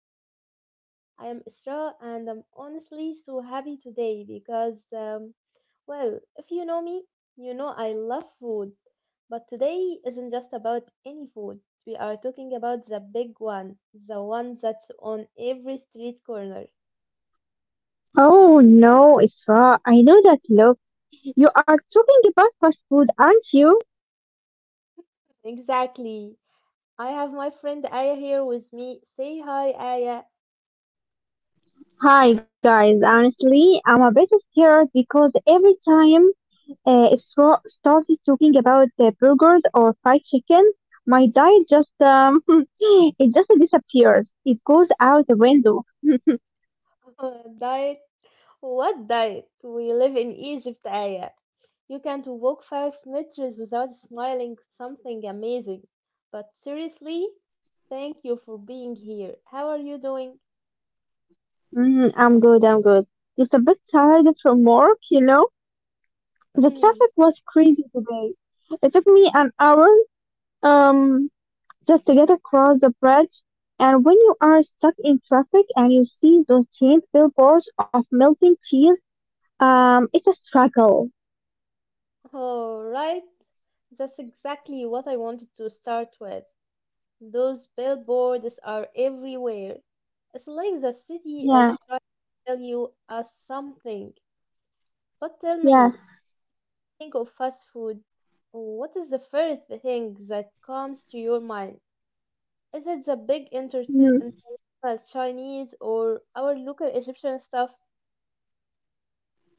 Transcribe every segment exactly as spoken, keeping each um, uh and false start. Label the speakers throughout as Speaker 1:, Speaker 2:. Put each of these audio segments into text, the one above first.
Speaker 1: to the show. I am Isra and I'm honestly so happy today because, um, well, if you know me, you know I love food. But today isn't just about any food. We are talking about the big one, the one that's on every street corner.
Speaker 2: Oh no, Isra, I know that look. You are talking about fast food, aren't you?
Speaker 1: Exactly. I have my friend Aya here with me. Say hi, Aya.
Speaker 2: Hi guys, honestly, I'm a bit scared because every time uh, Isra started talking about the burgers or fried chicken, my diet just um, it just disappears. It goes out the window.
Speaker 1: Diet? What diet? We live in Egypt, Aya. You can't walk five meters without smiling something amazing. But seriously, thank you for being here. How are you doing?
Speaker 2: Mhm, I'm good, I'm good. Just a bit tired from work, you know. The traffic was crazy today. It took me an hour. Um, just to get across the bridge. And when you are stuck in traffic and you see those giant billboards of melting cheese, um, it's a struggle.
Speaker 1: Alright, that's exactly what I wanted to start with. Those billboards are everywhere. It's like the city is
Speaker 2: Yeah,
Speaker 1: trying to tell you us something. But tell
Speaker 2: yes.
Speaker 1: me, think of fast food, what is the first thing that comes to your mind? Is it the big
Speaker 2: Mhm.
Speaker 1: entertain- international Chinese or our local Egyptian stuff?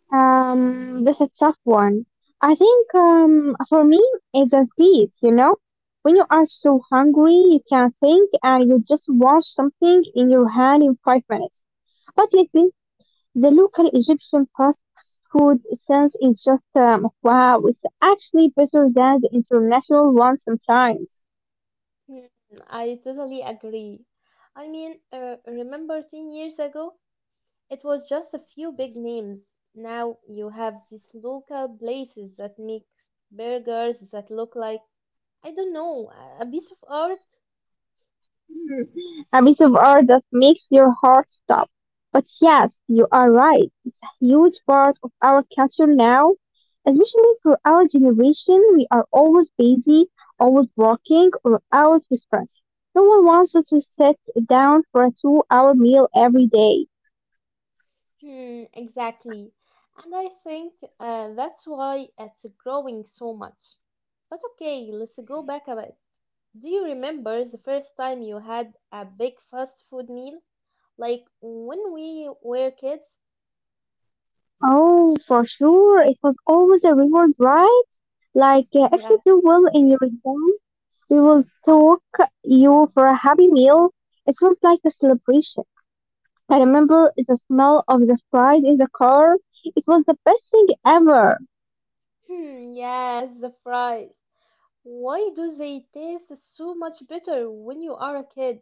Speaker 2: Um, that's a tough one. I think, um, for me, it's a speed, you know? When you are so hungry, you can't think and you just want something in your hand in five minutes. But lately, the local Egyptian fast food sense is just, um, wow, it's actually better than the international one sometimes.
Speaker 1: Hmm, I totally agree. I mean, uh, remember ten years ago, it was just a few big names. Now you have these local places that make burgers that look like, I don't know, a a piece of art.
Speaker 2: Hmm, a bit of art that makes your heart stop. But yes, you are right. It's a huge part of our culture now. Especially for our generation, we are always busy, always working, or out with friends. No one wants you to sit down for a two hour meal every day.
Speaker 1: Hmm, exactly. And I think uh, that's why it's growing so much. But okay, let's go back a bit. Do you remember the first time you had a big fast food meal? Like when we were kids?
Speaker 2: Oh, for sure. It was always a reward, right? Like, uh, if
Speaker 1: Yeah.
Speaker 2: you do well in your exam, we will talk you for a happy meal. It felt like a celebration. I remember the smell of the fries in the car. It was the best thing ever.
Speaker 1: Hmm, yes, the fries. Why do they taste so much better when you are a kid?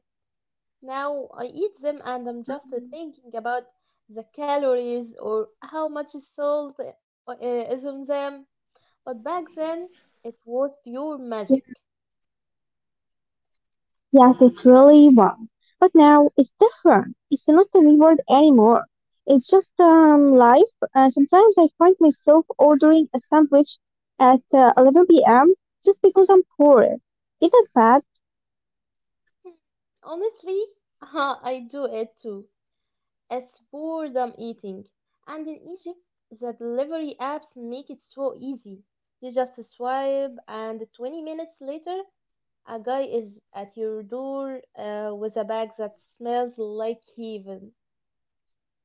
Speaker 1: Now I eat them and I'm just
Speaker 2: Mhm.
Speaker 1: thinking about the calories or how much salt uh, is on them. But back then, it
Speaker 2: Yeah.
Speaker 1: was pure magic.
Speaker 2: Yes, it really was. But now it's different. It's not a reward anymore. It's just, um, life. Uh, sometimes I find myself ordering a sandwich at uh, eleven p m just because I'm poor. Is that bad?
Speaker 1: Hmm, honestly, I do it too. It's boredom eating. And in Egypt, the delivery apps make it so easy. You just swipe, and twenty minutes later, a guy is at your door uh, with a bag that smells like heaven.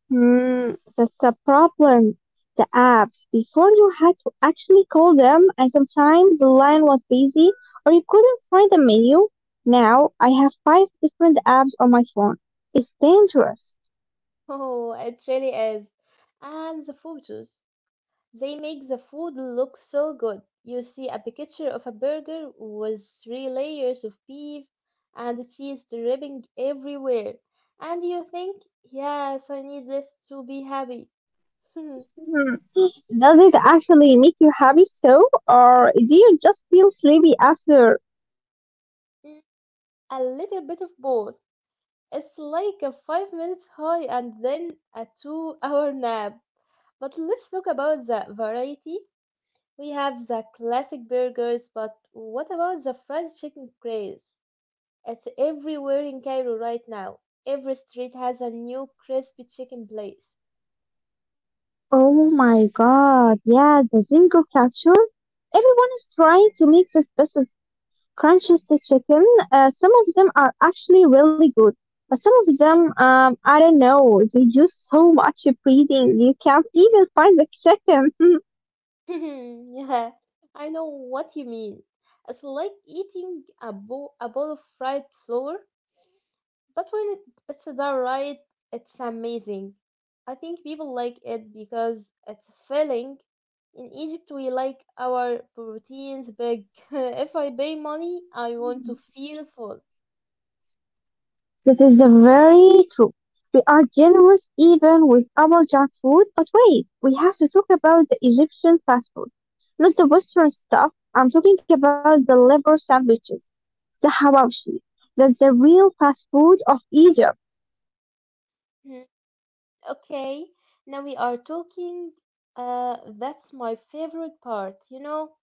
Speaker 2: Hmm, that's the problem. The apps, before you had to actually call them, and sometimes the line was busy or you couldn't find the menu. Now I have five different apps on my phone. It's dangerous.
Speaker 1: Oh, it really is. And the photos. They make the food look so good. You see a picture of a burger with three layers of beef and cheese dripping everywhere, and you think, yes, I need this to be happy. A
Speaker 2: Hmm. Does it actually make you happy so, or do you just feel sleepy after?
Speaker 1: little bit of both. It's like a five minutes high and then a two hour nap. But let's talk about the variety. We have the classic burgers, but what about the fried chicken craze? It's everywhere in Cairo right now. Every street has a new crispy chicken place.
Speaker 2: Oh my god, yeah, the Zingo culture. Everyone is trying to make this best Manchester chicken. Uh, some of them are actually really good, but some of them, um, I don't know, they do so much breathing you can't even find the chicken.
Speaker 1: Yeah, I know what you mean. It's like eating a, bo- a bowl of fried flour, but when it, it's done right, it's amazing. I think people like it because it's filling. In Egypt, we like our proteins big. If I pay money, I want to feel full.
Speaker 2: This is the very true. We are generous even with our junk food, but wait, we have to talk about the Egyptian fast food, not the Western stuff. I'm talking about the liver sandwiches, the hawashi. That's the real fast food of Egypt.
Speaker 1: Okay, now we are talking. Uh, that's my favorite part, you know,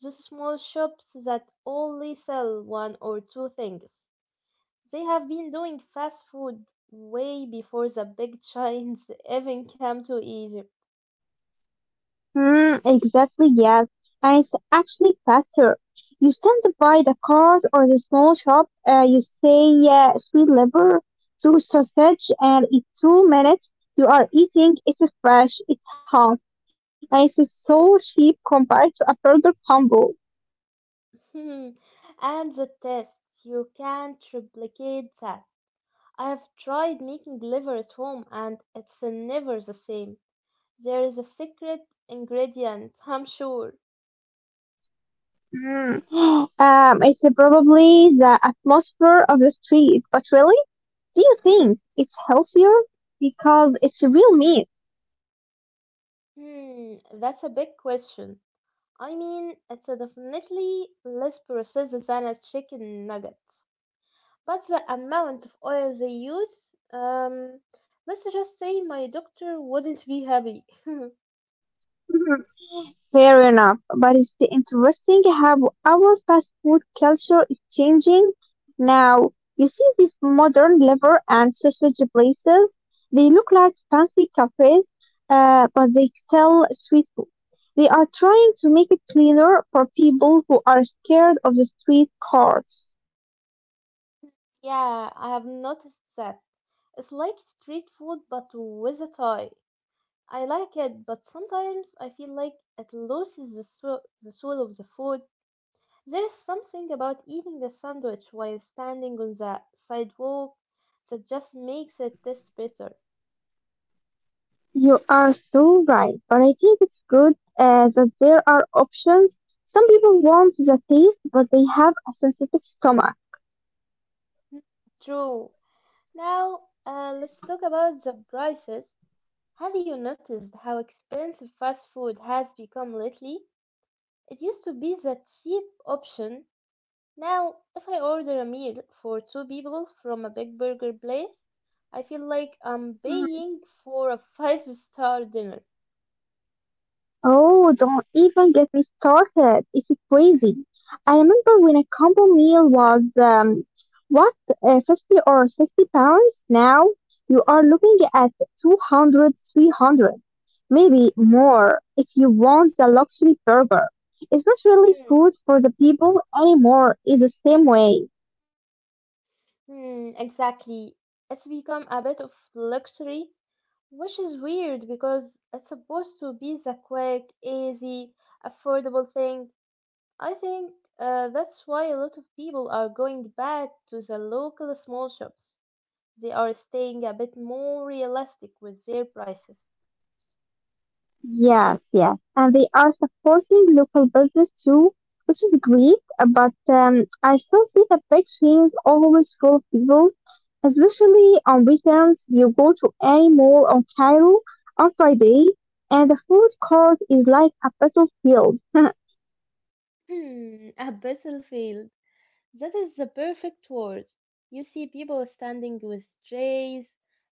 Speaker 1: those small shops that only sell one or two things. They have been doing fast food way before the big giants even came to Egypt.
Speaker 2: Mm, exactly, yes. And it's actually faster. You stand by the cars or the small shop, uh, you say uh, sweet liver, two sausage, and in two minutes you are eating. It's fresh, it's hot, and it's so cheap compared to a burger combo.
Speaker 1: And the test, you can't replicate that. I've tried making liver at home and it's never the same. There is a secret ingredient, I'm sure.
Speaker 2: Mm. Um, it's probably the atmosphere of the street, but really, do you think it's healthier? Because it's real meat.
Speaker 1: Hmm, that's a big question. I mean, it's a definitely less processed than a chicken nugget. But the amount of oil they use, um, let's just say my doctor wouldn't be happy.
Speaker 2: Fair enough, but it's interesting how our fast food culture is changing now. You see these modern liver and sausage places. They look like fancy cafes, uh, but they sell street food. They are trying to make it cleaner for people who are scared of the street carts.
Speaker 1: Yeah, I have noticed that. It's like street food but with a tie. I like it, but sometimes I feel like it loses the soul, the soul of the food. There's something about eating a sandwich while standing on the sidewalk that just makes it taste better.
Speaker 2: You are so right, but I think it's good uh, that there are options. Some people want the taste, but they have a sensitive stomach.
Speaker 1: Mm, true. Now, uh, let's talk about the prices. Have you noticed how expensive fast food has become lately? It used to be the cheap option. Now, if I order a meal for two people from a big burger place, I feel like I'm paying for a five star dinner.
Speaker 2: Oh, don't even get me started. It's crazy. I remember when a combo meal was, um, what, uh, fifty or sixty pounds? Now you are looking at two hundred, three hundred, maybe more if you want the luxury burger. It's not really food for the people anymore, it's the same way.
Speaker 1: Hmm, exactly. It's become a bit of luxury, which is weird because it's supposed to be the quick, easy, affordable thing. I think uh, that's why a lot of people are going back to the local small shops. They are staying a bit more realistic with their prices.
Speaker 2: Yes, yes. And they are supporting local business too, which is great. uh, But um, I still see the big chains always full of people, especially on weekends. You go to any mall on Cairo on Friday, and the food court is like a battlefield.
Speaker 1: Hmm, a basil field. That is the perfect word. You see people standing with trays,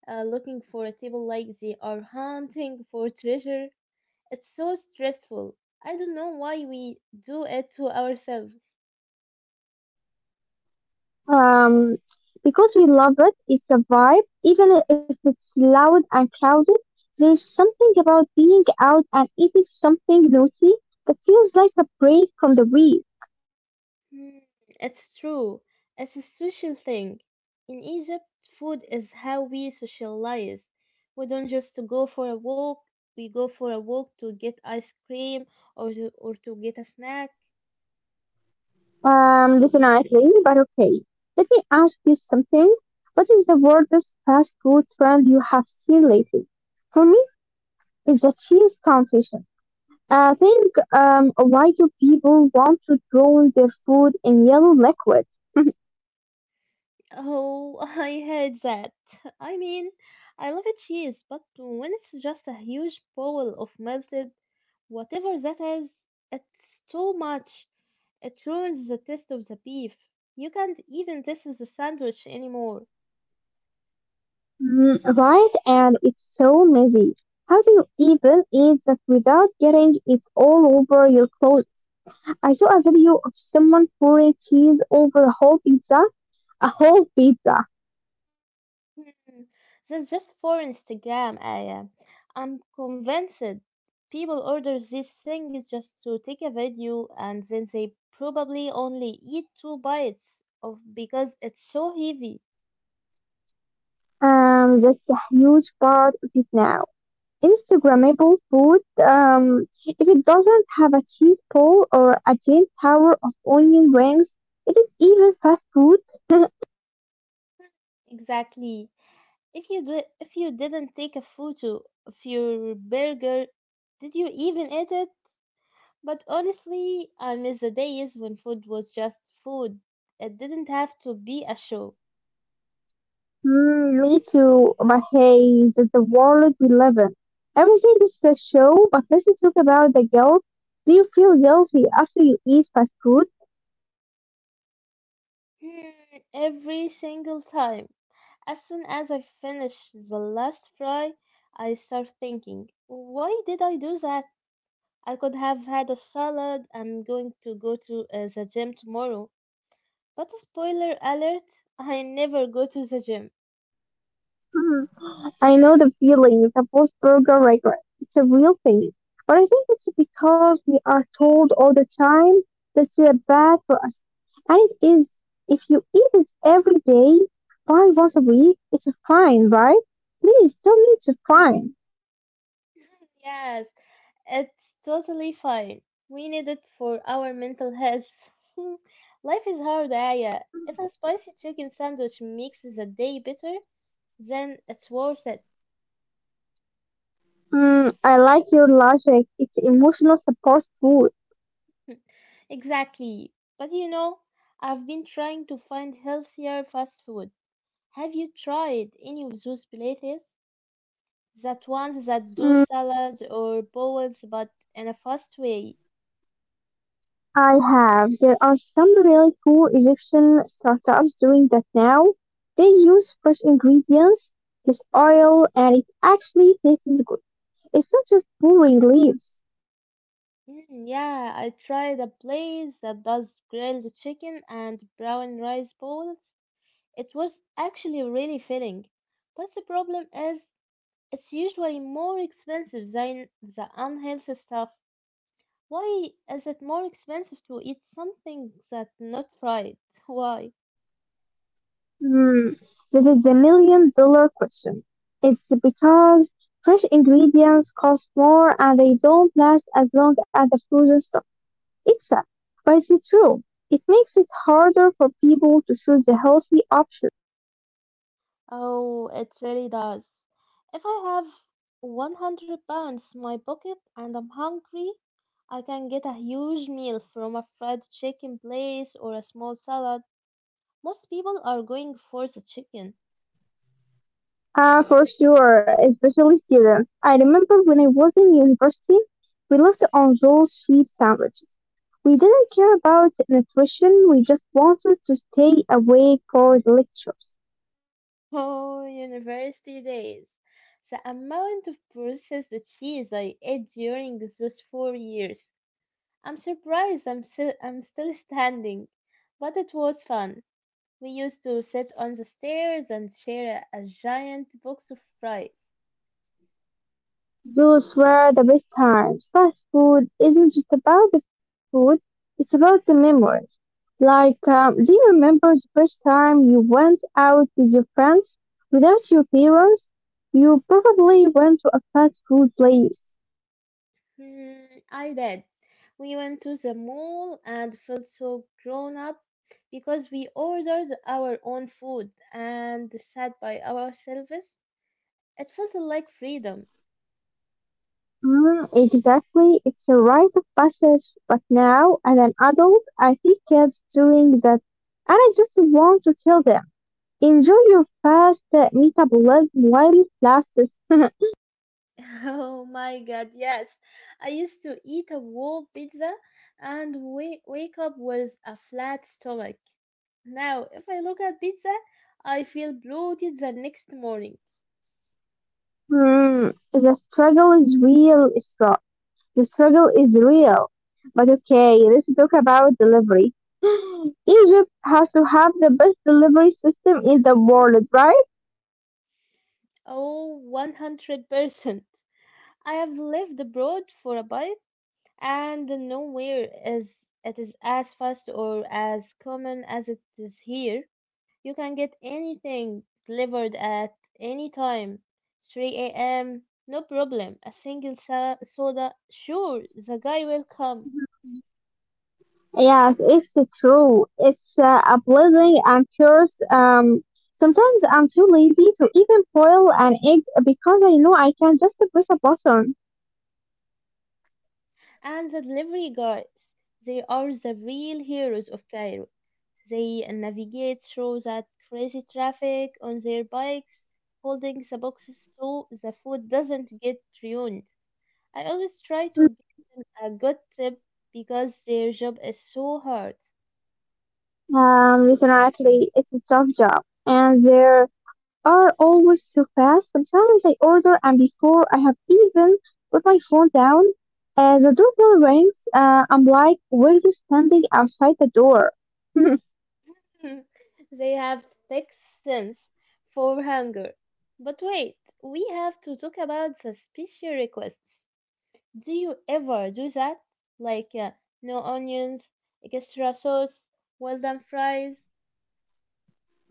Speaker 1: uh, looking for a table like they are hunting for treasure. It's so stressful. I don't know why we do it to ourselves.
Speaker 2: um, because we love it, it's a vibe. Even if it's loud and crowded, there's something about being out and eating something naughty that feels like a break from the week.
Speaker 1: Hmm, it's true. It's a social thing. In Egypt, food is how we socialize. We don't just go for a walk. We go for a walk to get ice cream or to, or to get a snack.
Speaker 2: Um, definitely, but okay. Let me ask you something. What is the weirdest fast food trend you have seen lately? For me, it's the cheese competition. I think, um, why do people want to drown their food in yellow liquid?
Speaker 1: Oh, I hate that. I mean, I love cheese, but when it's just a huge bowl of melted whatever that is, it's too much. It ruins the taste of the beef. You can't even taste the sandwich anymore.
Speaker 2: Mm, right? And it's so messy. How do you even eat that without getting it all over your clothes? I saw a video of someone pouring cheese over a whole pizza, a whole pizza.
Speaker 1: Hmm, that's just for Instagram, Aya. I'm convinced people order these things just to take a video and then they probably only eat two bites of because it's so heavy.
Speaker 2: Um, that's a huge part of it now. Instagrammable food, um, if it doesn't have a cheese ball or a giant tower of onion rings, it is even fast food.
Speaker 1: Exactly. If you did, if you didn't take a photo of your burger, did you even eat it? But honestly, I miss the days when food was just food. It didn't have to be a show.
Speaker 2: Mm, me too, but hey, that's the world we live in. Everything is a show, but let's talk about the guilt. Do you feel guilty after you eat fast food?
Speaker 1: Hmm, every single time. As soon as I finish the last fry, I start thinking, why did I do that? I could have had a salad. I'm going to go to uh, the gym tomorrow. But spoiler alert, I never go to the gym.
Speaker 2: Hmm, I know the feeling, that Wolfsburger regret. It's a real thing. But I think it's because we are told all the time that they bad for us. And it is, if you eat it every day, five once a week, it's fine, right? Please tell me it's
Speaker 1: Mm,
Speaker 2: fine.
Speaker 1: yes, it's totally fine. We need it for our mental health. Life is hard, Aya. If a spicy chicken sandwich makes the day better, then it's worth it.
Speaker 2: Mm, I like your logic. It's emotional support food.
Speaker 1: Exactly. But you know, I've been trying to find healthier fast food. Have you tried any of those places? That ones that do
Speaker 2: Mm,
Speaker 1: salads or bowls but in a fast way?
Speaker 2: I have. There are some really cool Egyptian startups doing that now. They use fresh ingredients, this oil, and it actually tastes good. It's not just pulling leaves.
Speaker 1: Mm, yeah, I tried a place that does grilled chicken and brown rice bowls. It was actually really filling, but the problem is it's usually more expensive than the unhealthy stuff. Why is it more expensive to eat something that's not fried? Why?
Speaker 2: Hmm. This is the million dollar question. It's because fresh ingredients cost more and they don't last as long as the frozen stuff. It's sad, but it's true. It makes it harder for people to choose the healthy option.
Speaker 1: Oh, it really does. If I have one hundred pounds in my pocket and I'm hungry, I can get a huge meal from a fried chicken place or a small salad. Most people are going for the chicken.
Speaker 2: Ah, for sure, especially students. I remember when I was in university, we lived on those cheap sandwiches. We didn't care about nutrition, we just wanted to stay awake for the lectures.
Speaker 1: Oh, university days. The amount of processed cheese I ate during those four years. I'm surprised I'm still, I'm still standing, but it was fun. We used to sit on the stairs and share a giant box of fries.
Speaker 2: Those were the best times. Fast food isn't just about the food, it's about the memories. Like, um, do you remember the first time you went out with your friends without your parents? You probably went to a fast food place.
Speaker 1: Hmm, I did. We went to the mall and felt so grown up because we ordered our own food and sat by ourselves. It felt like freedom.
Speaker 2: Mm, exactly. It's a rite of passage. But now, as an adult, I see kids doing that, and I just want to tell them, enjoy your fast uh, metabolism while it lasts.
Speaker 1: Oh my god, yes. I used to eat a whole pizza and wa- wake up with a flat stomach. Now, if I look at pizza, I feel bloated the next morning.
Speaker 2: Mm, the struggle is real, Isra. The struggle is real. But okay, let's talk about delivery. Egypt has to have the best delivery system in the world, right?
Speaker 1: Oh, one hundred percent. I have lived abroad for a bit, and nowhere is it is as fast or as common as it is here. You can get anything delivered at any time, three a m, no problem. A single so- soda, sure, the guy will come.
Speaker 2: Yes, it's true. It's uh, a blessing. I'm curious. Um, sometimes I'm too lazy to even boil an egg because I know I can just press a button.
Speaker 1: And the delivery guys, they are the real heroes of Cairo. They navigate through that crazy traffic on their bikes, holding the boxes so the food doesn't get ruined. I always try to give
Speaker 2: Mm-hmm.
Speaker 1: them a good tip because their job is so hard.
Speaker 2: Um, definitely, it's a tough job, and there are always so fast. Sometimes I order, and before I have even put my phone down, uh, the doorbell rings. Uh, I'm like, "Where you standing outside the door?"
Speaker 1: They have thick sense for hunger. But wait, we have to talk about the special requests. Do you ever do that? Like uh, no onions, extra sauce, well done fries?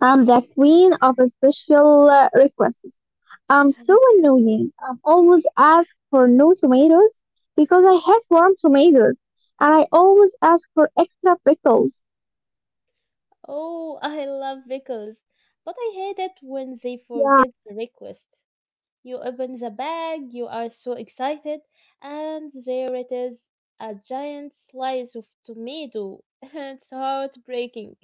Speaker 2: I'm the queen of special uh, requests. I'm so annoying. I'm always asked for no tomatoes because I hate warm tomatoes, and I always ask for extra pickles.
Speaker 1: Oh, I love pickles, but I hate it when they forget the request. You open the bag, you are so excited, and there it is, a giant slice of tomato. It's heartbreaking.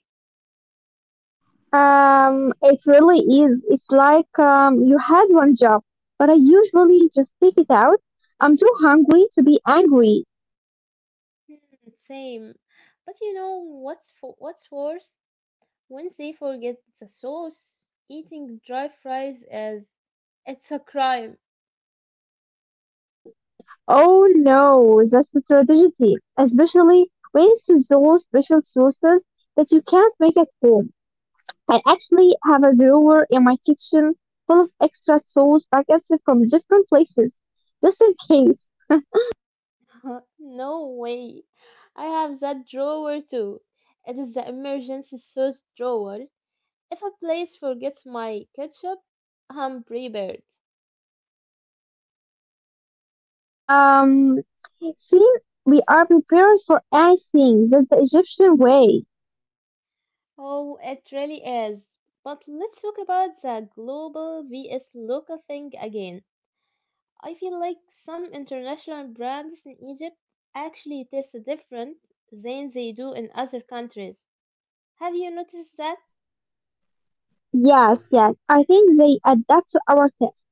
Speaker 2: Um, it really is. It's like, um, you had one job, but I usually just take it out. I'm too hungry to be angry.
Speaker 1: Hmm, same. But you know what's for, what's worse? When they forget the sauce, eating dry fries is it's a crime.
Speaker 2: Oh no, that's the tragedy, especially when it's those special sauces that you can't make at home. I actually have a drawer in my kitchen full of extra tools packets from different places, just in case.
Speaker 1: No way. I have that drawer too. It is the emergency sauce drawer. If a place forgets my ketchup, I'm prepared.
Speaker 2: Um, see, we are prepared for anything. That's the Egyptian way.
Speaker 1: Oh, it really is. But let's talk about the global vs local thing again. I feel like some international brands in Egypt actually taste different than they do in other countries. Have you noticed that?
Speaker 2: Yes, yes. I think they adapt to our taste.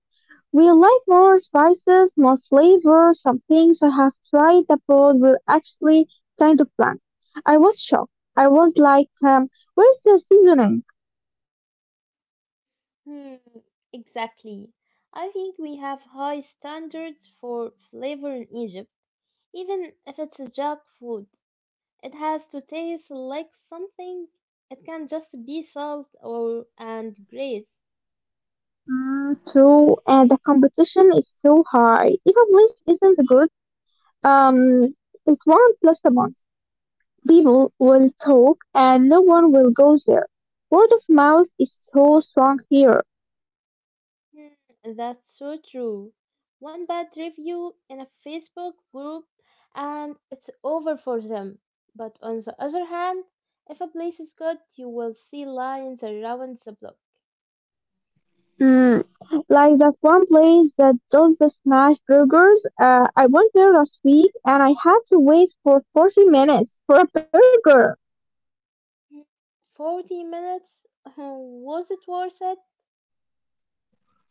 Speaker 2: We like more spices, more flavors. Some things I have tried abroad were actually kind of bland. I was shocked. I was like, um, where's the seasoning?
Speaker 1: Hmm, exactly. I think we have high standards for flavor in Egypt. Even if it's a Jap food, it has to taste like something. It can't just be salt or and grace.
Speaker 2: Mm, true, and the competition is so high. If a place isn't good, um, it won't last a month. People will talk, and no one will go there. Word of mouth is so strong here.
Speaker 1: Hmm, that's so true. One bad review in a Facebook group and it's over for them. But on the other hand, if a place is good, you will see lines around the block.
Speaker 2: Mm, like that one place that does the smash burgers. Uh, I went there last week, and I had to wait for forty minutes for a burger.
Speaker 1: Hmm, forty minutes? Hmm, was it worth it?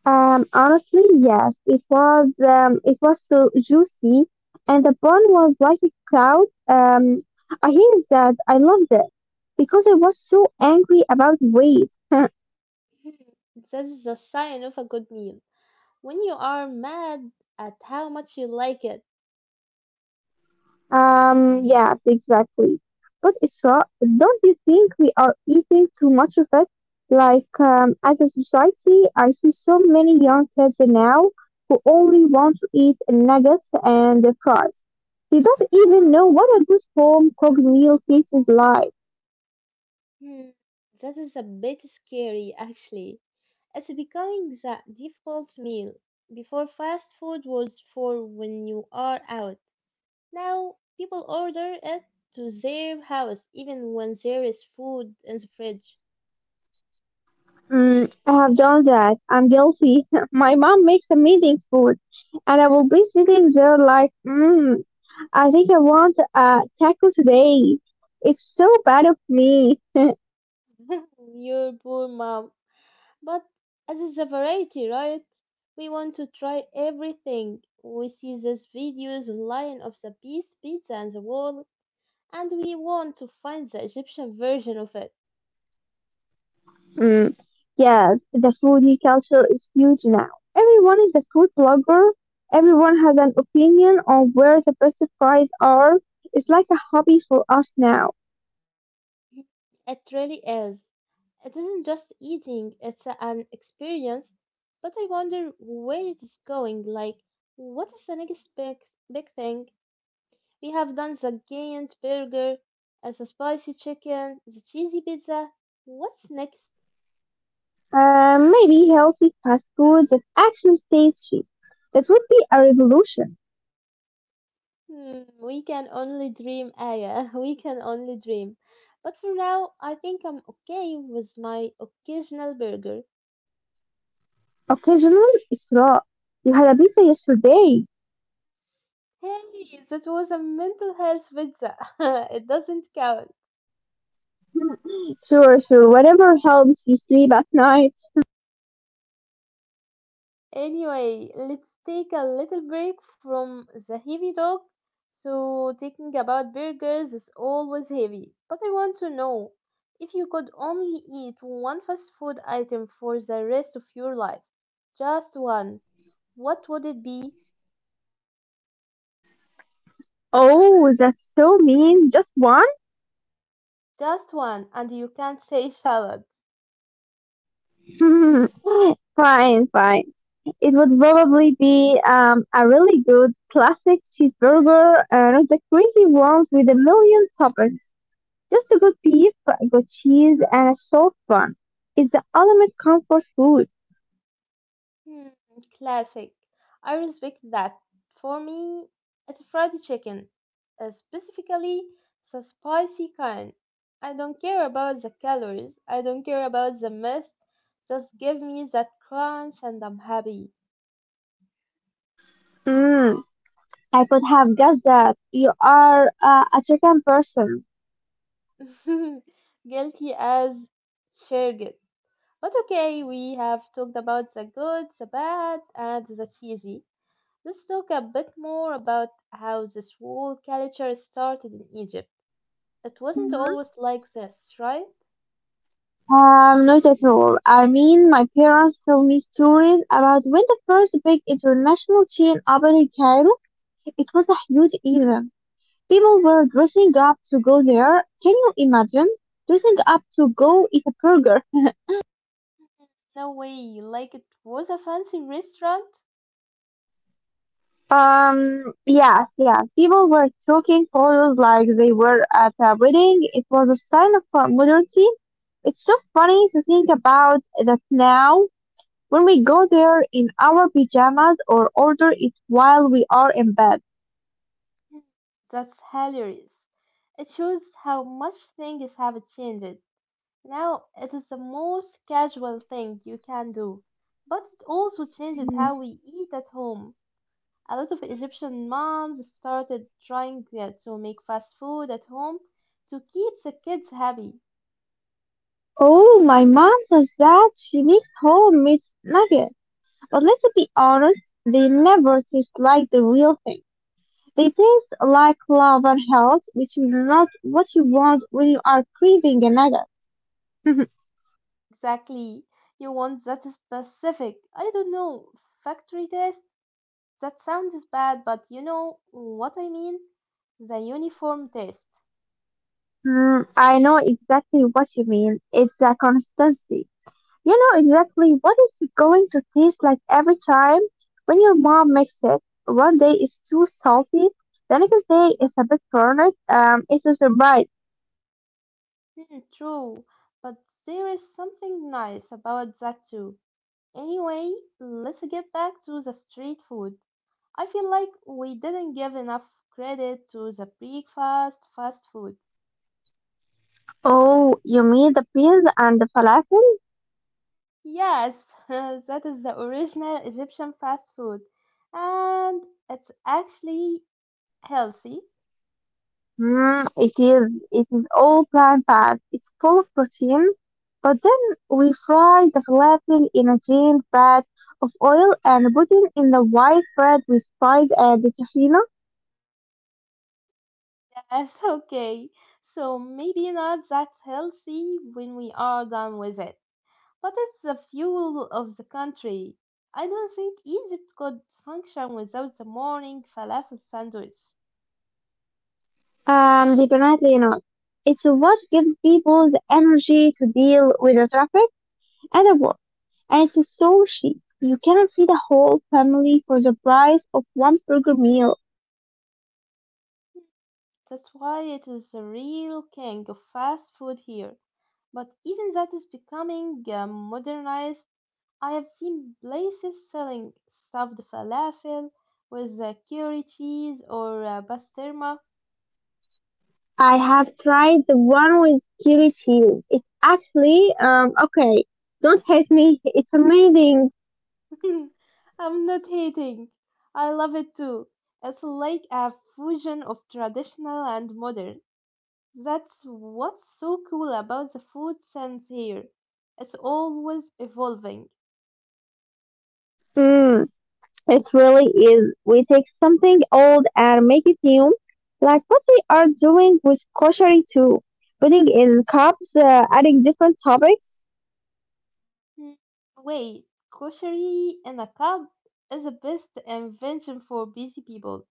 Speaker 2: Um, honestly, yes, it was. Um, it was so juicy, and the bun was like a cloud. Um, I hated that. I loved it because I was so angry about weight.
Speaker 1: Hmm, that's the sign of a good meal. When you are mad at how much you like it,
Speaker 2: Um, yes, exactly. But Isra, don't you think we are eating too much of it? Like, um, as a society, I see so many young kids now who only want to eat nuggets and fries. They don't even know what a good home cooked meal tastes like.
Speaker 1: hmm, that is a bit scary actually. It's becoming the default meal. Before fast food was for when you are out. Now people order it to their house even when there is food in the fridge.
Speaker 2: Mm, I have done that. I'm guilty. My mom makes amazing food, and I will be sitting there like, mmm, I think I want a taco today. It's so bad of me.
Speaker 1: Your poor mom. But as it's a variety, right? We want to try everything. We see these videos online of the Beast pizza and the world, and we want to find the Egyptian version of it.
Speaker 2: Mm. Yes, the foodie culture is huge now. Everyone is a food blogger. Everyone has an opinion on where the best fries are. It's like a hobby for us now.
Speaker 1: It really is. It isn't just eating, it's an experience. But I wonder where it is going. Like, what is the next big, big thing? We have done the giant burger, as the spicy chicken, the cheesy pizza. What's next?
Speaker 2: Uh, maybe healthy fast food that actually stays cheap. That would be a revolution.
Speaker 1: Hmm, we can only dream, Aya. We can only dream. But for now, I think I'm okay with my occasional burger.
Speaker 2: Occasional is raw. You had a pizza yesterday.
Speaker 1: Hey, that was a mental health pizza. It doesn't count.
Speaker 2: Sure, sure. Whatever helps you sleep at night.
Speaker 1: Anyway, let's take a little break from the heavy talk. So, thinking about burgers is always heavy. But I want to know if you could only eat one fast food item for the rest of your life, just one, what would it be?
Speaker 2: Oh, that's so mean. Just one?
Speaker 1: Just one, and you can't say salad.
Speaker 2: Fine, fine. It would probably be um, a really good classic cheeseburger, uh, not the crazy ones with a million toppings. Just a good beef, a good cheese, and a soft bun. It's the ultimate comfort food.
Speaker 1: Hmm, classic. I respect that. For me, it's fried chicken, uh, specifically the spicy kind. I don't care about the calories, I don't care about the mess. Just give me that crunch and I'm happy.
Speaker 2: Mm, I could have guessed that you are uh, a chicken person.
Speaker 1: Guilty as charged. But okay, we have talked about the good, the bad, and the cheesy. Let's talk a bit more about how this whole culture started in Egypt. It wasn't
Speaker 2: Hmm.
Speaker 1: always like this, right?
Speaker 2: Um, not at all. I mean, my parents tell me stories about when the first big international chain opened in Cairo. It was a huge event. People were dressing up to go there. Can you imagine? Dressing up to go eat a burger.
Speaker 1: No way, like it was a fancy restaurant?
Speaker 2: Um, yes, yes. People were taking photos like they were at a wedding. It was a sign of uh, modernity. It's so funny to think about that now, when we go there in our pyjamas or order it while we are in bed.
Speaker 1: That's hilarious. It shows how much things have changed. Now it is the most casual thing you can do. But it also changed how we eat at home. A lot of Egyptian moms started trying uh, to make fast food at home to keep the kids happy.
Speaker 2: Oh, my mom does that. She makes whole meat nuggets. But let's be honest, they never taste like the real thing. They taste like love and health, which is not what you want when you are craving a nugget.
Speaker 1: Exactly. You want that specific, I don't know, factory test? That sounds bad, but you know what I mean? The uniform test.
Speaker 2: Mm, I know exactly what you mean. It's a constancy. You know exactly what it's going to taste like every time. When your mom makes it, one day it's too salty, the next day it's a bit burned. Um, it's a surprise.
Speaker 1: Hmm, true, but there is something nice about that too. Anyway, let's get back to the street food. I feel like we didn't give enough credit to the breakfast fast food.
Speaker 2: Oh, you mean the beans and the falafel?
Speaker 1: Yes, that is the original Egyptian fast food. And it's actually healthy.
Speaker 2: Mm, it is. It is all plant-based. It's full of protein. But then we fry the falafel in a giant vat of oil and put it in the white bread with fried uh, the tahini.
Speaker 1: That's okay. So maybe not that healthy when we are done with it. But it's the fuel of the country. I don't think Egypt could function without the morning falafel sandwich.
Speaker 2: Um, definitely not. It's what gives people the energy to deal with the traffic and the work. And it's so cheap. You can feed a whole family for the price of one burger meal.
Speaker 1: That's why it is the real king of fast food here. But even that is becoming uh, modernized. I have seen places selling stuffed falafel with uh, curry cheese or uh, pastrama.
Speaker 2: I have tried the one with kiri cheese. It's actually, um, okay, don't hate me. It's amazing.
Speaker 1: I'm not hating. I love it too. It's like a fusion of traditional and modern. That's what's so cool about the food sense here. It's always evolving.
Speaker 2: Mm. It really is. We take something old and make it new, like what they are doing with kosher too. Putting in cups, uh, adding different toppings.
Speaker 1: Hmm, wait, koshery in a cup is the best invention for busy people.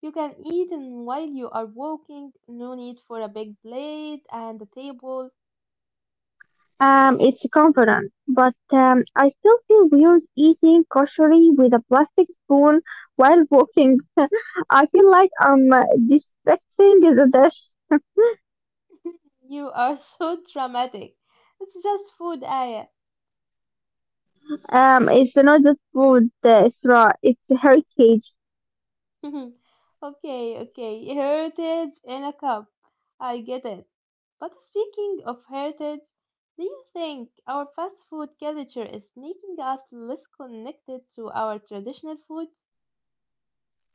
Speaker 1: You can eat in while you are walking, no need for a big plate and a table.
Speaker 2: Um, it's confident, but um, I still feel weird eating kosher with a plastic spoon while walking. I feel like I'm uh, disrespecting the dish.
Speaker 1: You are so dramatic. It's just food, Aya.
Speaker 2: Um, it's not just food, uh, it's raw, it's heritage.
Speaker 1: Okay, okay. Heritage in a cup. I get it. But speaking of heritage, do you think our fast food culture is making us less connected to our traditional food?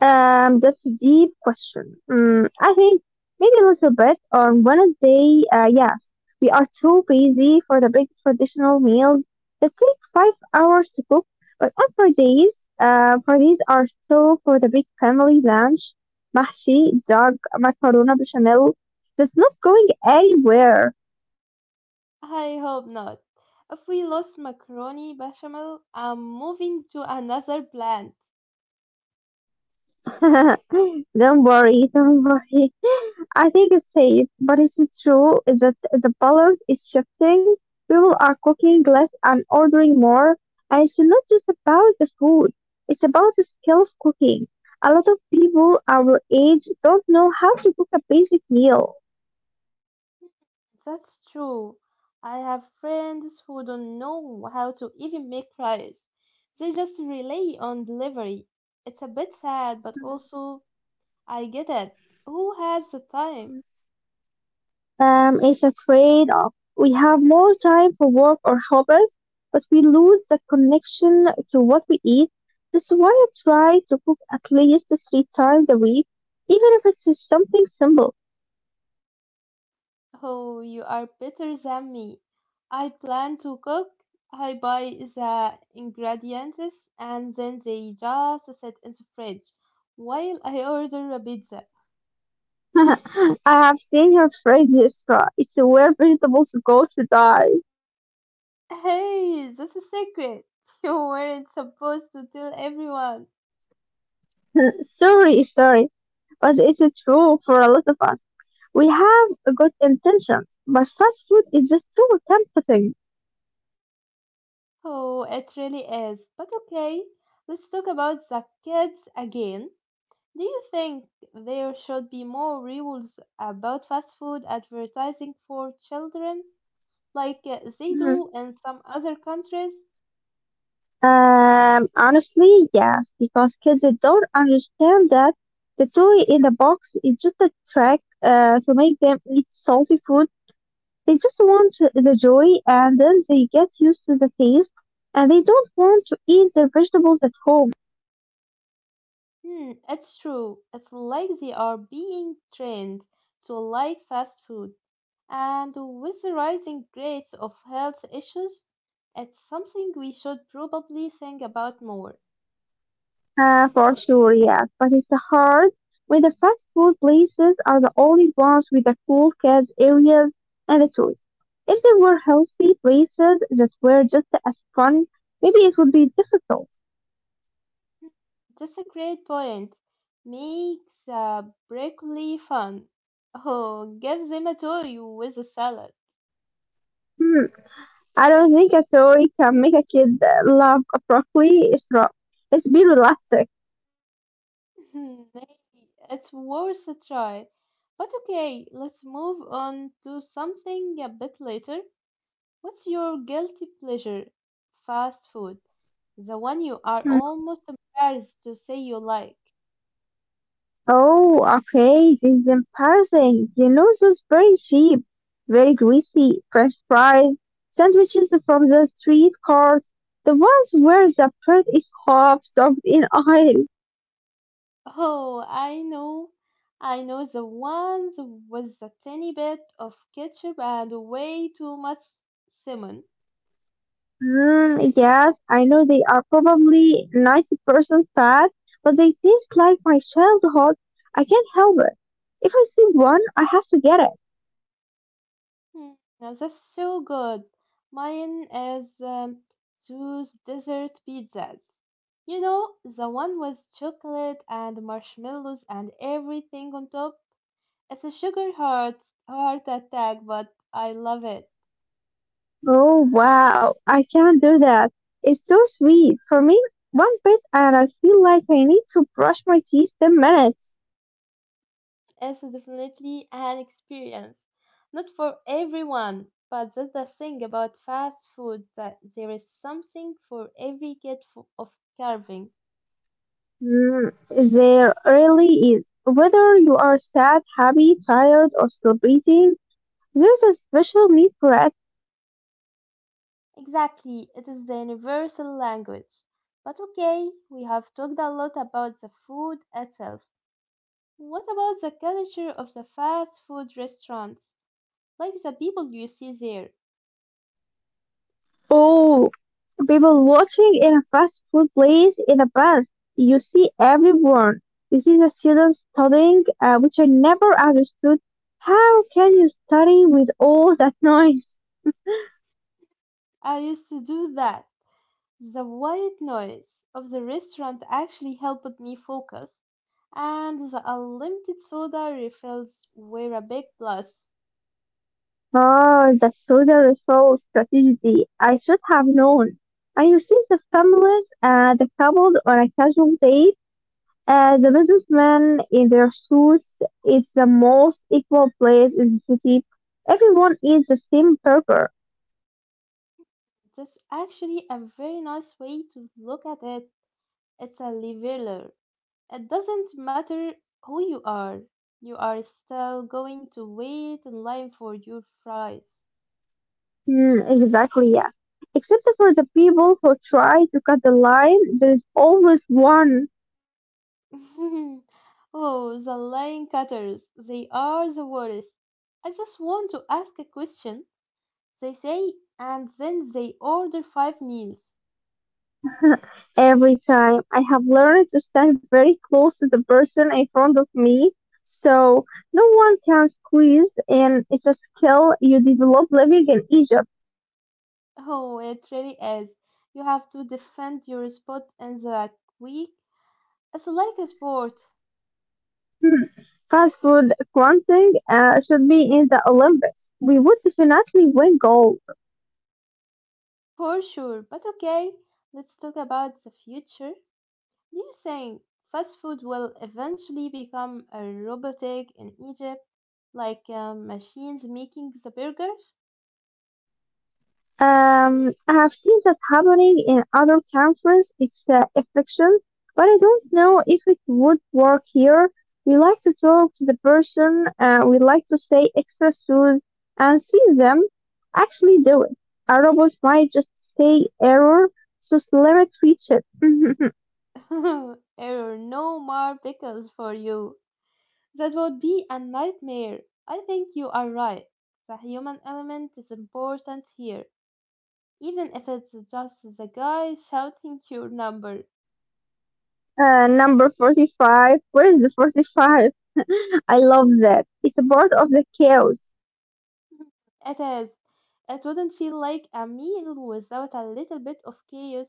Speaker 2: Um, that's a deep question. Mm, I think maybe a little bit on Wednesday. Uh, yes, we are too busy for the big traditional meals that take five hours to cook. But on Fridays, uh, Fridays are still for the big family lunch, mahshi, dog, macaroni bechamel. That's not going anywhere.
Speaker 1: I hope not. If we lost macaroni bechamel, I'm moving to another plant.
Speaker 2: Don't worry, don't worry. I think it's safe, but is it true is that the balance is shifting? People are cooking less and ordering more, and it's not just about the food. It's about the skill of cooking. A lot of people our age don't know how to cook a basic meal.
Speaker 1: That's true. I have friends who don't know how to even make rice. They just rely on delivery. It's a bit sad, but also I get it. Who has the time?
Speaker 2: Um, it's a trade-off. We have more time for work or hobbies, but we lose the connection to what we eat. That's why I try to cook at least three times a week, even if it's just something simple.
Speaker 1: Oh, you are better than me. I plan to cook, I buy the ingredients, and then they just sit in the fridge while I order a pizza.
Speaker 2: I have seen your phrases, Yusra. It's where vegetables go to die.
Speaker 1: Hey, that's a secret. You weren't supposed to tell everyone.
Speaker 2: Sorry, sorry, but it's true for a lot of us. We have a good intentions, but fast food is just too tempting.
Speaker 1: Oh, it really is. But okay, let's talk about the kids again. Do you think there should be more rules about fast food advertising for children, like uh, they
Speaker 2: Mhm.
Speaker 1: do in some other countries?
Speaker 2: Um, honestly, yes, because kids don't understand that the toy in the box is just a trick uh, to make them eat salty food. They just want the joy, and then they get used to the taste, and they don't want to eat their vegetables at home.
Speaker 1: Hmm, it's true. It's like they are being trained to like fast food. And with the rising rates of health issues, it's something we should probably think about more.
Speaker 2: Uh, for sure, yes, but it's hard when the fast food places are the only ones with the cool kids areas and the toys. If there were healthy places that were just as fun, maybe it would be difficult.
Speaker 1: That's a great point. Make the broccoli fun. Oh, give them a toy with a salad.
Speaker 2: Hmm, I don't think a toy can make a kid uh, love broccoli. It's wrong. It's be realistic.
Speaker 1: Hmm, maybe it's worth a try. But okay, let's move on to something a bit later. What's your guilty pleasure? Fast food. The one you are almost embarrassed to say you like.
Speaker 2: Oh, okay, this is embarrassing. The nose was very cheap, very greasy, fresh fries, sandwiches from the street cars, the ones where the bread is half soaked in oil.
Speaker 1: Oh, I know. I know the ones with a tiny bit of ketchup and way too much cinnamon.
Speaker 2: Mm, yes, I know they are probably ninety percent fat, but they taste like my childhood. I can't help it. If I see one, I have to get it.
Speaker 1: Hmm, now that's so good. Mine is um, those dessert pizzas. You know, the one with chocolate and marshmallows and everything on top. It's a sugar heart heart attack, but I love it.
Speaker 2: Oh wow, I can't do that. It's too sweet. For me, one bit and I feel like I need to brush my teeth ten minutes.
Speaker 1: It's definitely an experience. Not for everyone, but that's the thing about fast food, that there is something for every kid f- of carving.
Speaker 2: Mm, there really is. Whether you are sad, happy, tired, or celebrating, there's a special need for it.
Speaker 1: Exactly, it is the universal language. But okay, we have talked a lot about the food itself. What about the culture of the fast food restaurants? Like the people you see there.
Speaker 2: Oh, people watching in a fast food place in a bus. You see everyone. You see the children studying, uh, which I never understood. How can you study with all that noise?
Speaker 1: I used to do that. The white noise of the restaurant actually helped me focus, and the unlimited soda refills were a big plus.
Speaker 2: Ah, that's total full strategy. I should have known. I you see the families, uh, the couples on a casual date, uh, the businessmen in their suits. It's the most equal place in the city. Everyone eats the same burger.
Speaker 1: That's actually a very nice way to look at it. It's a leveler. It doesn't matter who you are, you are still going to wait in line for your fries.
Speaker 2: Hmm, exactly, yeah. Except for the people who try to cut the line, there is always one.
Speaker 1: Oh, the line cutters, they are the worst. I just want to ask a question, they say, and then they order five meals.
Speaker 2: Every time. I have learned to stand very close to the person in front of me so no one can squeeze. And it's a skill you develop living in Egypt.
Speaker 1: Oh, it really is. You have to defend your spot in the week. It's like a sport,
Speaker 2: Hmm. Fast food granting uh, should be in the Olympics. We would definitely win gold.
Speaker 1: for sure. But okay, let's talk about the future. Do you think fast food will eventually become a robotic in Egypt, like um, machines making the burgers?
Speaker 2: Um, I have seen that happening in other countries. It's uh, efficient, but I don't know if it would work here. We like to talk to the person, uh, we like to say extra soon and see them actually do it. A robot might just say error, so let it reach it.
Speaker 1: Error, no more pickles for you. That would be a nightmare. I think you are right. The human element is important here, even if it's just the guy shouting your number.
Speaker 2: Uh, number forty-five. Where is the forty-five? I love that. It's a part of the chaos.
Speaker 1: It is. It wouldn't feel like a meal without a little bit of chaos.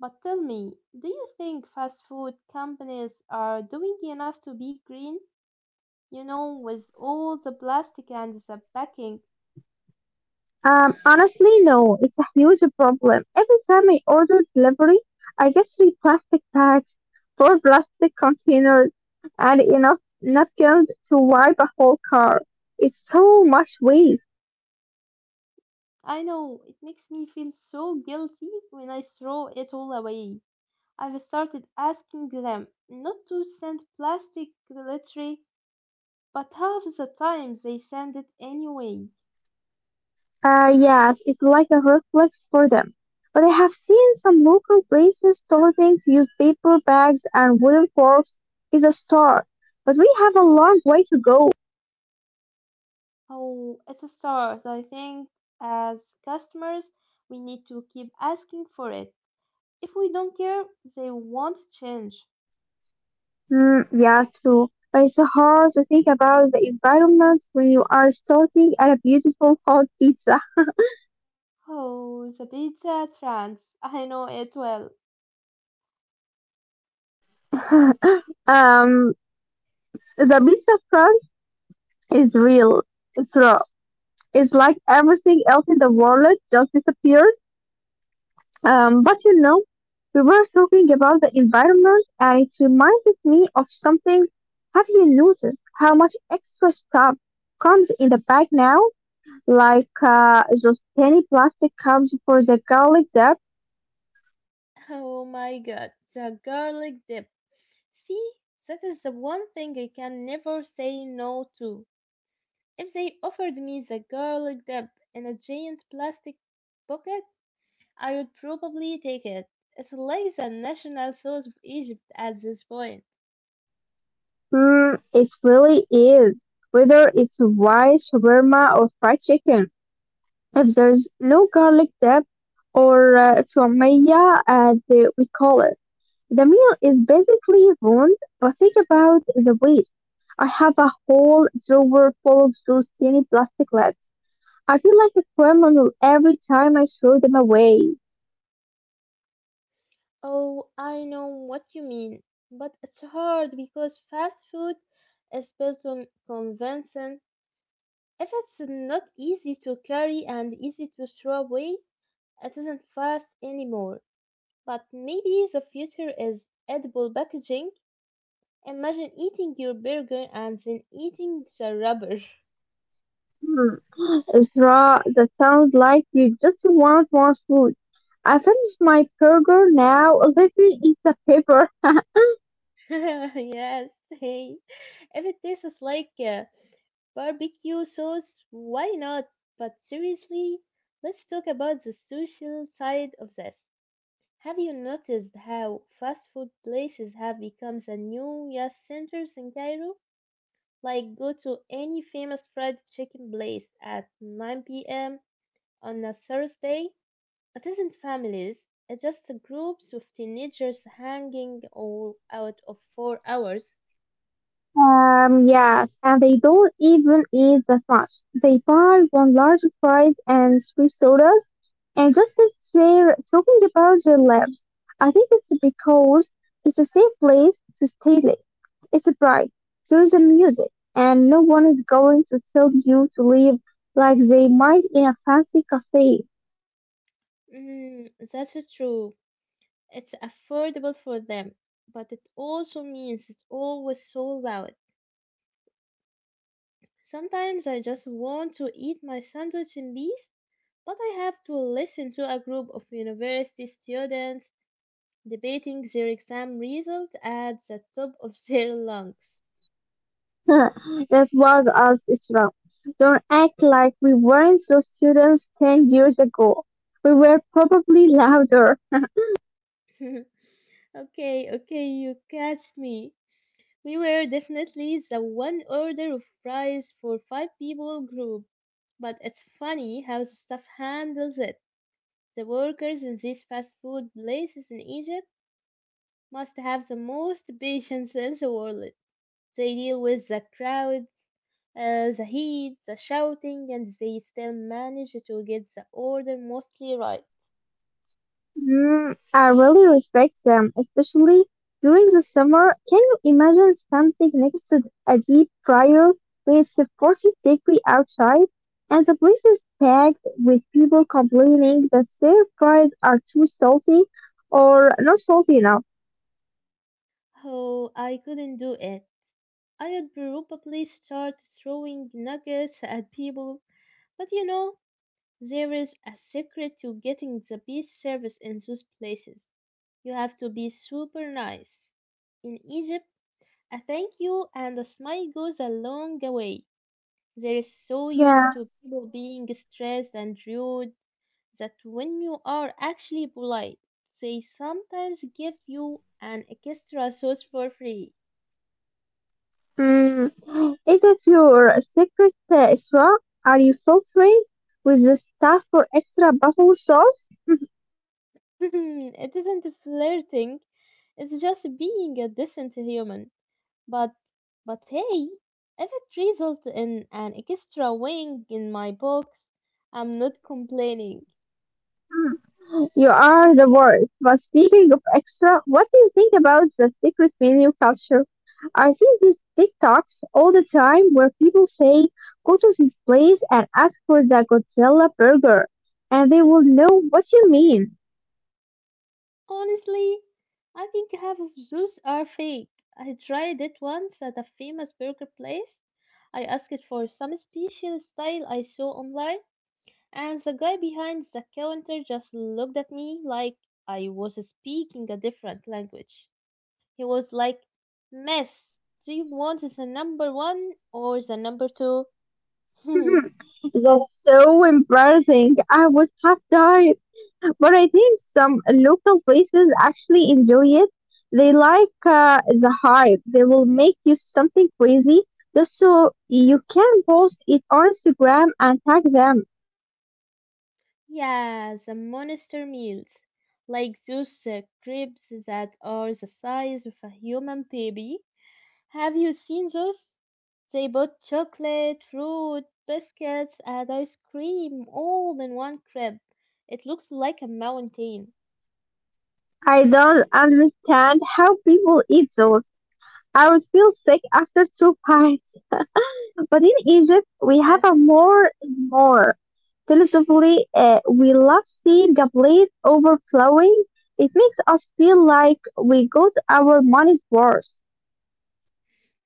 Speaker 1: But tell me, do you think fast food companies are doing enough to be green? You know, with all the plastic and the packing.
Speaker 2: Um, honestly, no, it's a huge problem. Every time I order delivery, I get three plastic bags, four plastic containers, and enough napkins to wipe a whole car. It's so much waste.
Speaker 1: I know it makes me feel so guilty when I throw it all away. I've started asking them not to send plastic literally, but half the time they send it anyway.
Speaker 2: Uh, yes, it's like a reflex for them. But I have seen some local places starting to use paper bags and wooden forks is a start. But we have a long way to go.
Speaker 1: Oh, it's a start. I think as customers, we need to keep asking for it. If we don't care, they won't change.
Speaker 2: Mm, yeah, true. But it's hard to think about the environment when you are sorting at a beautiful hot pizza.
Speaker 1: Oh, the pizza trance. I know it well.
Speaker 2: Um, the pizza crust is real. It's raw. It's like everything else in the world just disappears. Um, but you know, we were talking about the environment, and it reminded me of something. Have you noticed how much extra stuff comes in the bag now? Like uh, those tiny plastic cups for the garlic.
Speaker 1: Oh my god, the garlic dip. See, that is the one thing I can never say no to. If they offered me the garlic dip in a giant plastic bucket, I would probably take it. It's like the national sauce of Egypt at this point.
Speaker 2: Mm, it really is. Whether it's rice, shawarma, or fried chicken, if there's no garlic dip or uh, تومية, as they- we call it, the meal is basically ruined. But think about the waste. I have a whole drawer full of those tiny plastic lids. I feel like a criminal every time I throw them away.
Speaker 1: Oh, I know what you mean, but it's hard because fast food is built on convention. If it's not easy to carry and easy to throw away, it isn't fast anymore. But maybe the future is edible packaging. Imagine eating your burger and then eating the rubber.
Speaker 2: Hmm, Ezra, that sounds like you just want more food. I finished my burger now. Let me eat the paper.
Speaker 1: Yes, hey. If it tastes like uh, barbecue sauce, why not? But seriously, let's talk about the social side of this. Have you noticed how fast food places have become the new yes centers in Cairo? Like go to any famous fried chicken place at nine p m on a Thursday. It isn't families, it's just groups of teenagers hanging all out of four hours.
Speaker 2: Um, yeah, and they don't even eat that much. They buy one large fries and three sodas and just sit there talking about their lives. I think it's because it's a safe place to stay late. It's a bright. There's the music, and no one is going to tell you to leave like they might in a fancy cafe.
Speaker 1: Mm, that's so true. It's affordable for them, but it also means it's always sold out. Sometimes I just want to eat my sandwich in peace, but I have to listen to a group of university students debating their exam result at the top of their lungs.
Speaker 2: That was us is wrong. Don't act like we weren't those students ten years ago. We were probably louder.
Speaker 1: Okay, okay, you catch me. We were definitely the one order of fries for five people group. But it's funny how the staff handles it. The workers in these fast food places in Egypt must have the most patience in the world. They deal with the crowds, uh, the heat, the shouting, and they still manage to get the order mostly right.
Speaker 2: Mm, I really respect them, especially during the summer. Can you imagine standing next to a deep fryer when it's a forty degree outside and the place is packed with people complaining that their fries are too salty or not salty enough?
Speaker 1: Oh, I couldn't do it. I'd probably start throwing nuggets at people. But you know, there is a secret to getting the best service in those places. You have to be super nice. In Egypt, a thank you and a smile goes a long way. They're so used
Speaker 2: Yeah.
Speaker 1: to people being stressed and rude that when you are actually polite, they sometimes give you an extra sauce for free.
Speaker 2: Mm, is that your secret uh, Isra? Are you filtering with the stuff for extra buffalo sauce?
Speaker 1: It isn't flirting, it's just being a decent human. But, but hey, if it results in an extra wing in my books, I'm not complaining.
Speaker 2: Mm, you are the worst. But speaking of extra, what do you think about the secret menu culture? I see these TikToks all the time where people say, go to this place and ask for the Godzilla burger, and they will know what you mean.
Speaker 1: Honestly, I think half of those are fake. I tried it once at a famous burger place. I asked for some special style I saw online, and the guy behind the counter just looked at me like I was speaking a different language. He was like, "Miss, do you want the number one or the number two?"
Speaker 2: That's so embarrassing. I would have died. But I think some local places actually enjoy it. They like uh, the hype. They will make you something crazy just so you can post it on Instagram and tag them.
Speaker 1: Yeah, the monster meals. Like those uh, crepes that are the size of a human baby. Have you seen those? They put chocolate, fruit, biscuits, and ice cream all in one crepe. It looks like a mountain.
Speaker 2: I don't understand how people eat those. I would feel sick after two bites. But in Egypt, we have
Speaker 1: Yes.
Speaker 2: a more and more. Philosophically, uh, we love seeing a plate overflowing. It makes us feel like we got our money's worth.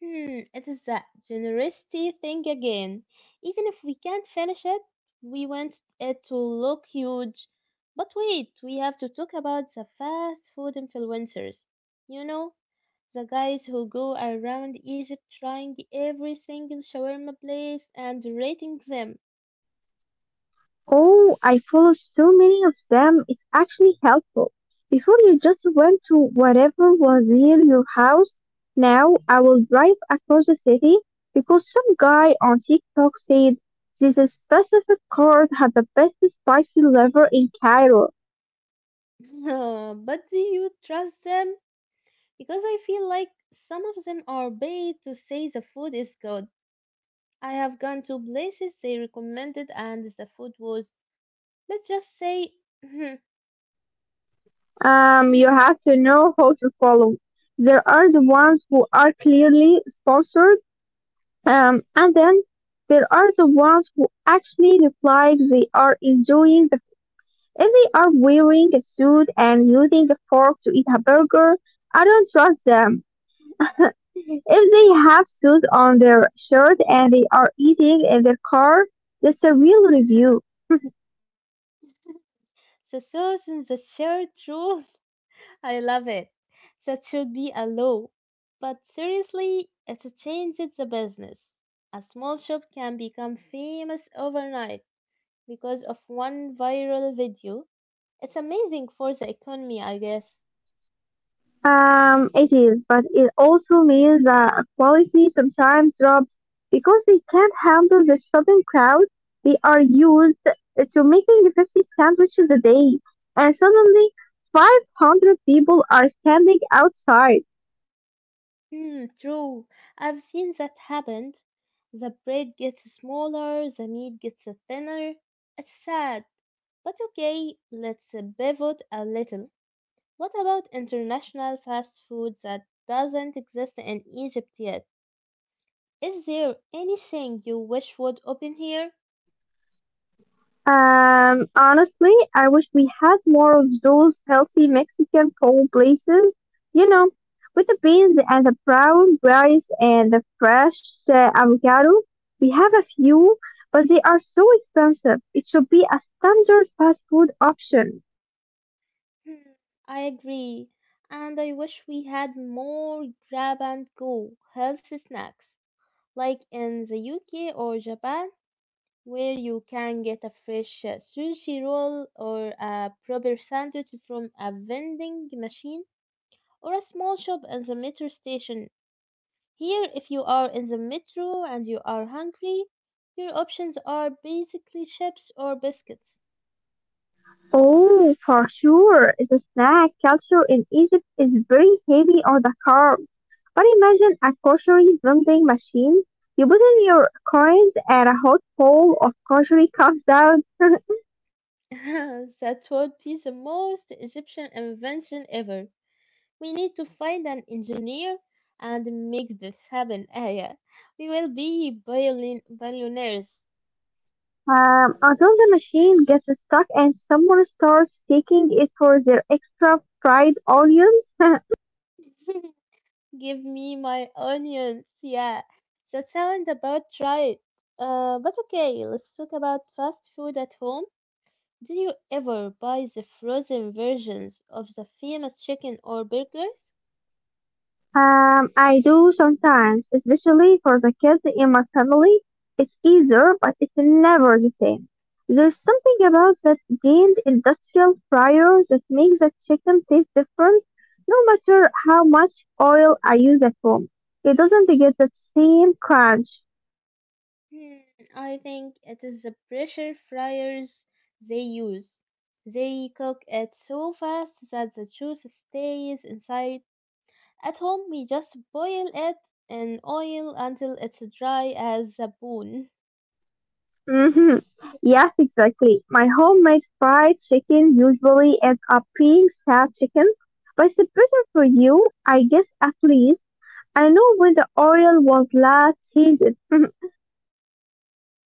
Speaker 1: Hmm, it is that generosity thing again. Even if we can't finish it, we want it to look huge. But wait, we have to talk about the fast food influencers. You know, the guys who go around Egypt trying every single shawarma place and rating them.
Speaker 2: Oh, I follow so many of them. It's actually helpful. Before you just went to whatever was near your house. Now I will drive across the city because some guy on TikTok said this specific card had the best spicy liver in Cairo.
Speaker 1: But do you trust them? Because I feel like some of them are paid to say the food is good, I have gone to places they recommended and the food was, let's just say,
Speaker 2: Um, you have to know how to follow. There are the ones who are clearly sponsored, um, and then there are the ones who actually look like they are enjoying the if they are wearing a suit and using a fork to eat a burger, I don't trust them. If they have suits on their shirt and they are eating in their car, that's a real review.
Speaker 1: the sauce and the shared rule. I love it. That should be a law. But seriously, it's a change. changes the business. A small shop can become famous overnight because of one viral video. It's amazing for the economy, I guess.
Speaker 2: Um, it is, but it also means that quality sometimes drops because they can't handle the sudden crowd. They are used to making fifty sandwiches a day, and suddenly five hundred people are standing outside.
Speaker 1: Hmm, true. I've seen that happen. The bread gets smaller, the meat gets thinner. It's sad. But okay, let's pivot a little. What about international fast food that doesn't exist in Egypt yet? Is there anything you wish would open here?
Speaker 2: Um, honestly, I wish we had more of those healthy Mexican cold places, you know, with the beans and the brown rice and the fresh uh, avocado. We have a few, but they are so expensive. It should be a standard fast food option.
Speaker 1: Hmm, I agree. And I wish we had more grab and go healthy snacks, like in the U K or Japan, where you can get a fresh uh, sushi roll or a proper sandwich from a vending machine or a small shop in the metro station. Here, if you are in the metro and you are hungry, your options are basically chips or biscuits.
Speaker 2: Oh, for sure. The snack culture in Egypt is very heavy on the carbs. But imagine a grocery vending machine. You put in your coins and a hot bowl of grocery comes out.
Speaker 1: That would be the most Egyptian invention ever. We need to find an engineer and make this happen, Aya. We will be billion- billionaires.
Speaker 2: Um, until the machine gets stuck and someone starts taking it for their extra fried onions.
Speaker 1: Give me my onions. Yeah, that sounds about right. Uh, but okay, let's talk about fast food at home. Do you ever buy the frozen versions of the famous chicken or burgers?
Speaker 2: Um, I do sometimes, especially for the kids in my family. It's easier, but it's never the same. There's something about that deemed industrial fryer that makes the chicken taste different, no matter how much oil I use at home. It doesn't get that same crunch.
Speaker 1: Hmm, I think it is the pressure fryers they use. They cook it so fast that the juice stays inside. At home, we just boil it in oil until it's dry as a bone.
Speaker 2: Hmm. Yes, exactly. My homemade fried chicken usually ends up being sad chicken, but it's a present for you, I guess at least. I know when the Oriole was last painted,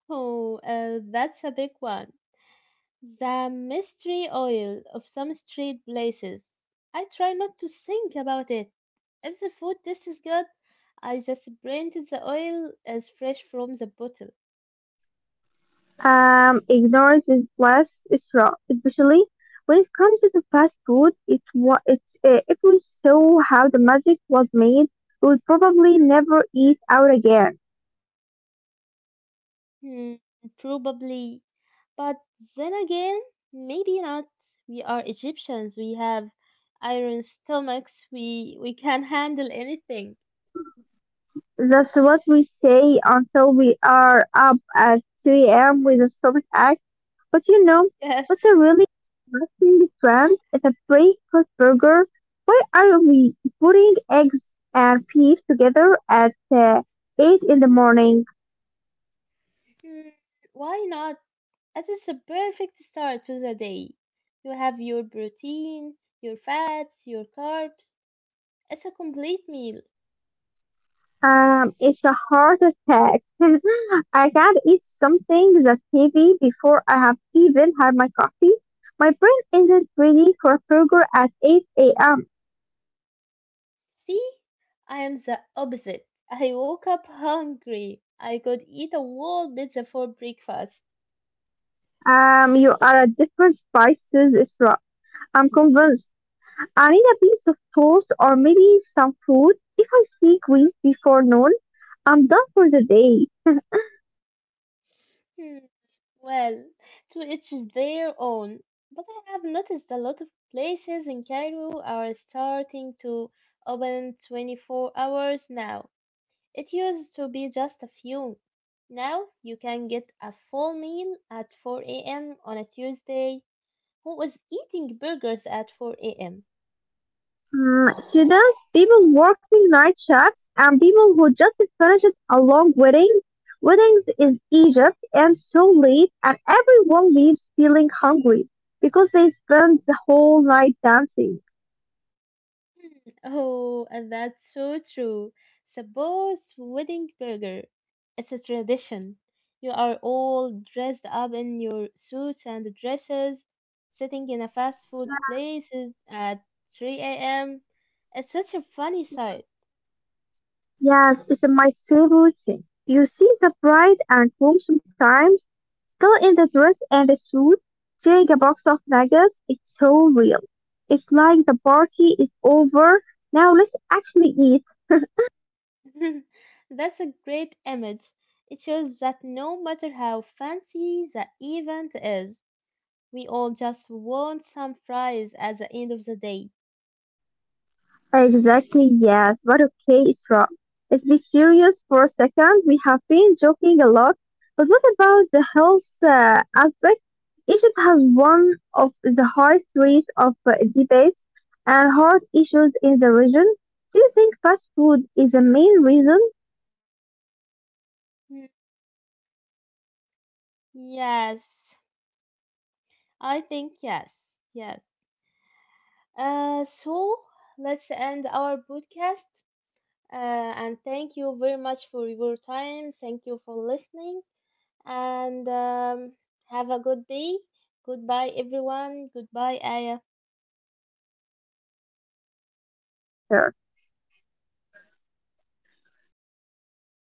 Speaker 1: Oh, uh, that's a big one. The mystery oil of some street places. I try not to think about it. If the food tastes good, I just blend the oil as fresh from the bottle.
Speaker 2: um, ignorance is bliss, is wrong, especially when it comes to the fast food. It wa it, uh, if we saw how the magic was made, we would probably never eat out again.
Speaker 1: Hmm, probably. But then again, maybe not. We are Egyptians. We have iron stomachs. We we can handle anything.
Speaker 2: That's what we say until we are up at three a m with a stomach ache. But you know
Speaker 1: Yes.
Speaker 2: what's a really interesting trend is a breakfast burger. Why are we putting eggs and beef together at uh, eight in the morning?
Speaker 1: Hmm, why not? That is a perfect start to the day. You have your protein, your fats, your carbs. It's a complete meal.
Speaker 2: Um, it's a heart attack. I can't eat something that's heavy before I have even had my coffee. My brain isn't ready for a burger at eight a m.
Speaker 1: See, I am the opposite. I woke up hungry. I could eat a whole pizza for breakfast.
Speaker 2: Um, you are a different spices, Isra. I'm convinced. I need a piece of toast or maybe some fruit. If I see greens before noon, I'm done for the day.
Speaker 1: Hmm, well, to each their own. But I have noticed a lot of places in Cairo are starting to open twenty-four hours now. It used to be just a few. Now you can get a full meal at four a m on a Tuesday. Who was eating burgers at four a m?
Speaker 2: Mm, students, people working night shifts, and people who just finished a long wedding. Weddings in Egypt end so late, and everyone leaves feeling hungry because they spend the whole night dancing.
Speaker 1: Hmm, oh, and that's so true. Suppose wedding burger. It's a tradition. You are all dressed up in your suits and dresses, sitting in a fast food places at three a m. It's such a funny sight.
Speaker 2: Yes, it's my favorite thing. You see the bride and groom sometimes, girl in the dress and the suit, stealing a box of nuggets. It's so real. It's like the party is over. Now let's actually eat.
Speaker 1: That's a great image. It shows that no matter how fancy the event is, we all just want some fries at the end of the day.
Speaker 2: Exactly, yes, but okay, Isra. Let's be serious for a second. We have been joking a lot, but what about the health uh, aspect? Egypt has one of the highest rates of uh, debates and heart issues in the region. Do you think fast food is the main reason?
Speaker 1: Hmm. Yes, I think yes, yes. Uh, so let's end our podcast. Uh, and thank you very much for your time. Thank you for listening. And um, have a good day. Goodbye, everyone. Goodbye, Aya.
Speaker 2: Goodbye, goodbye. See you later.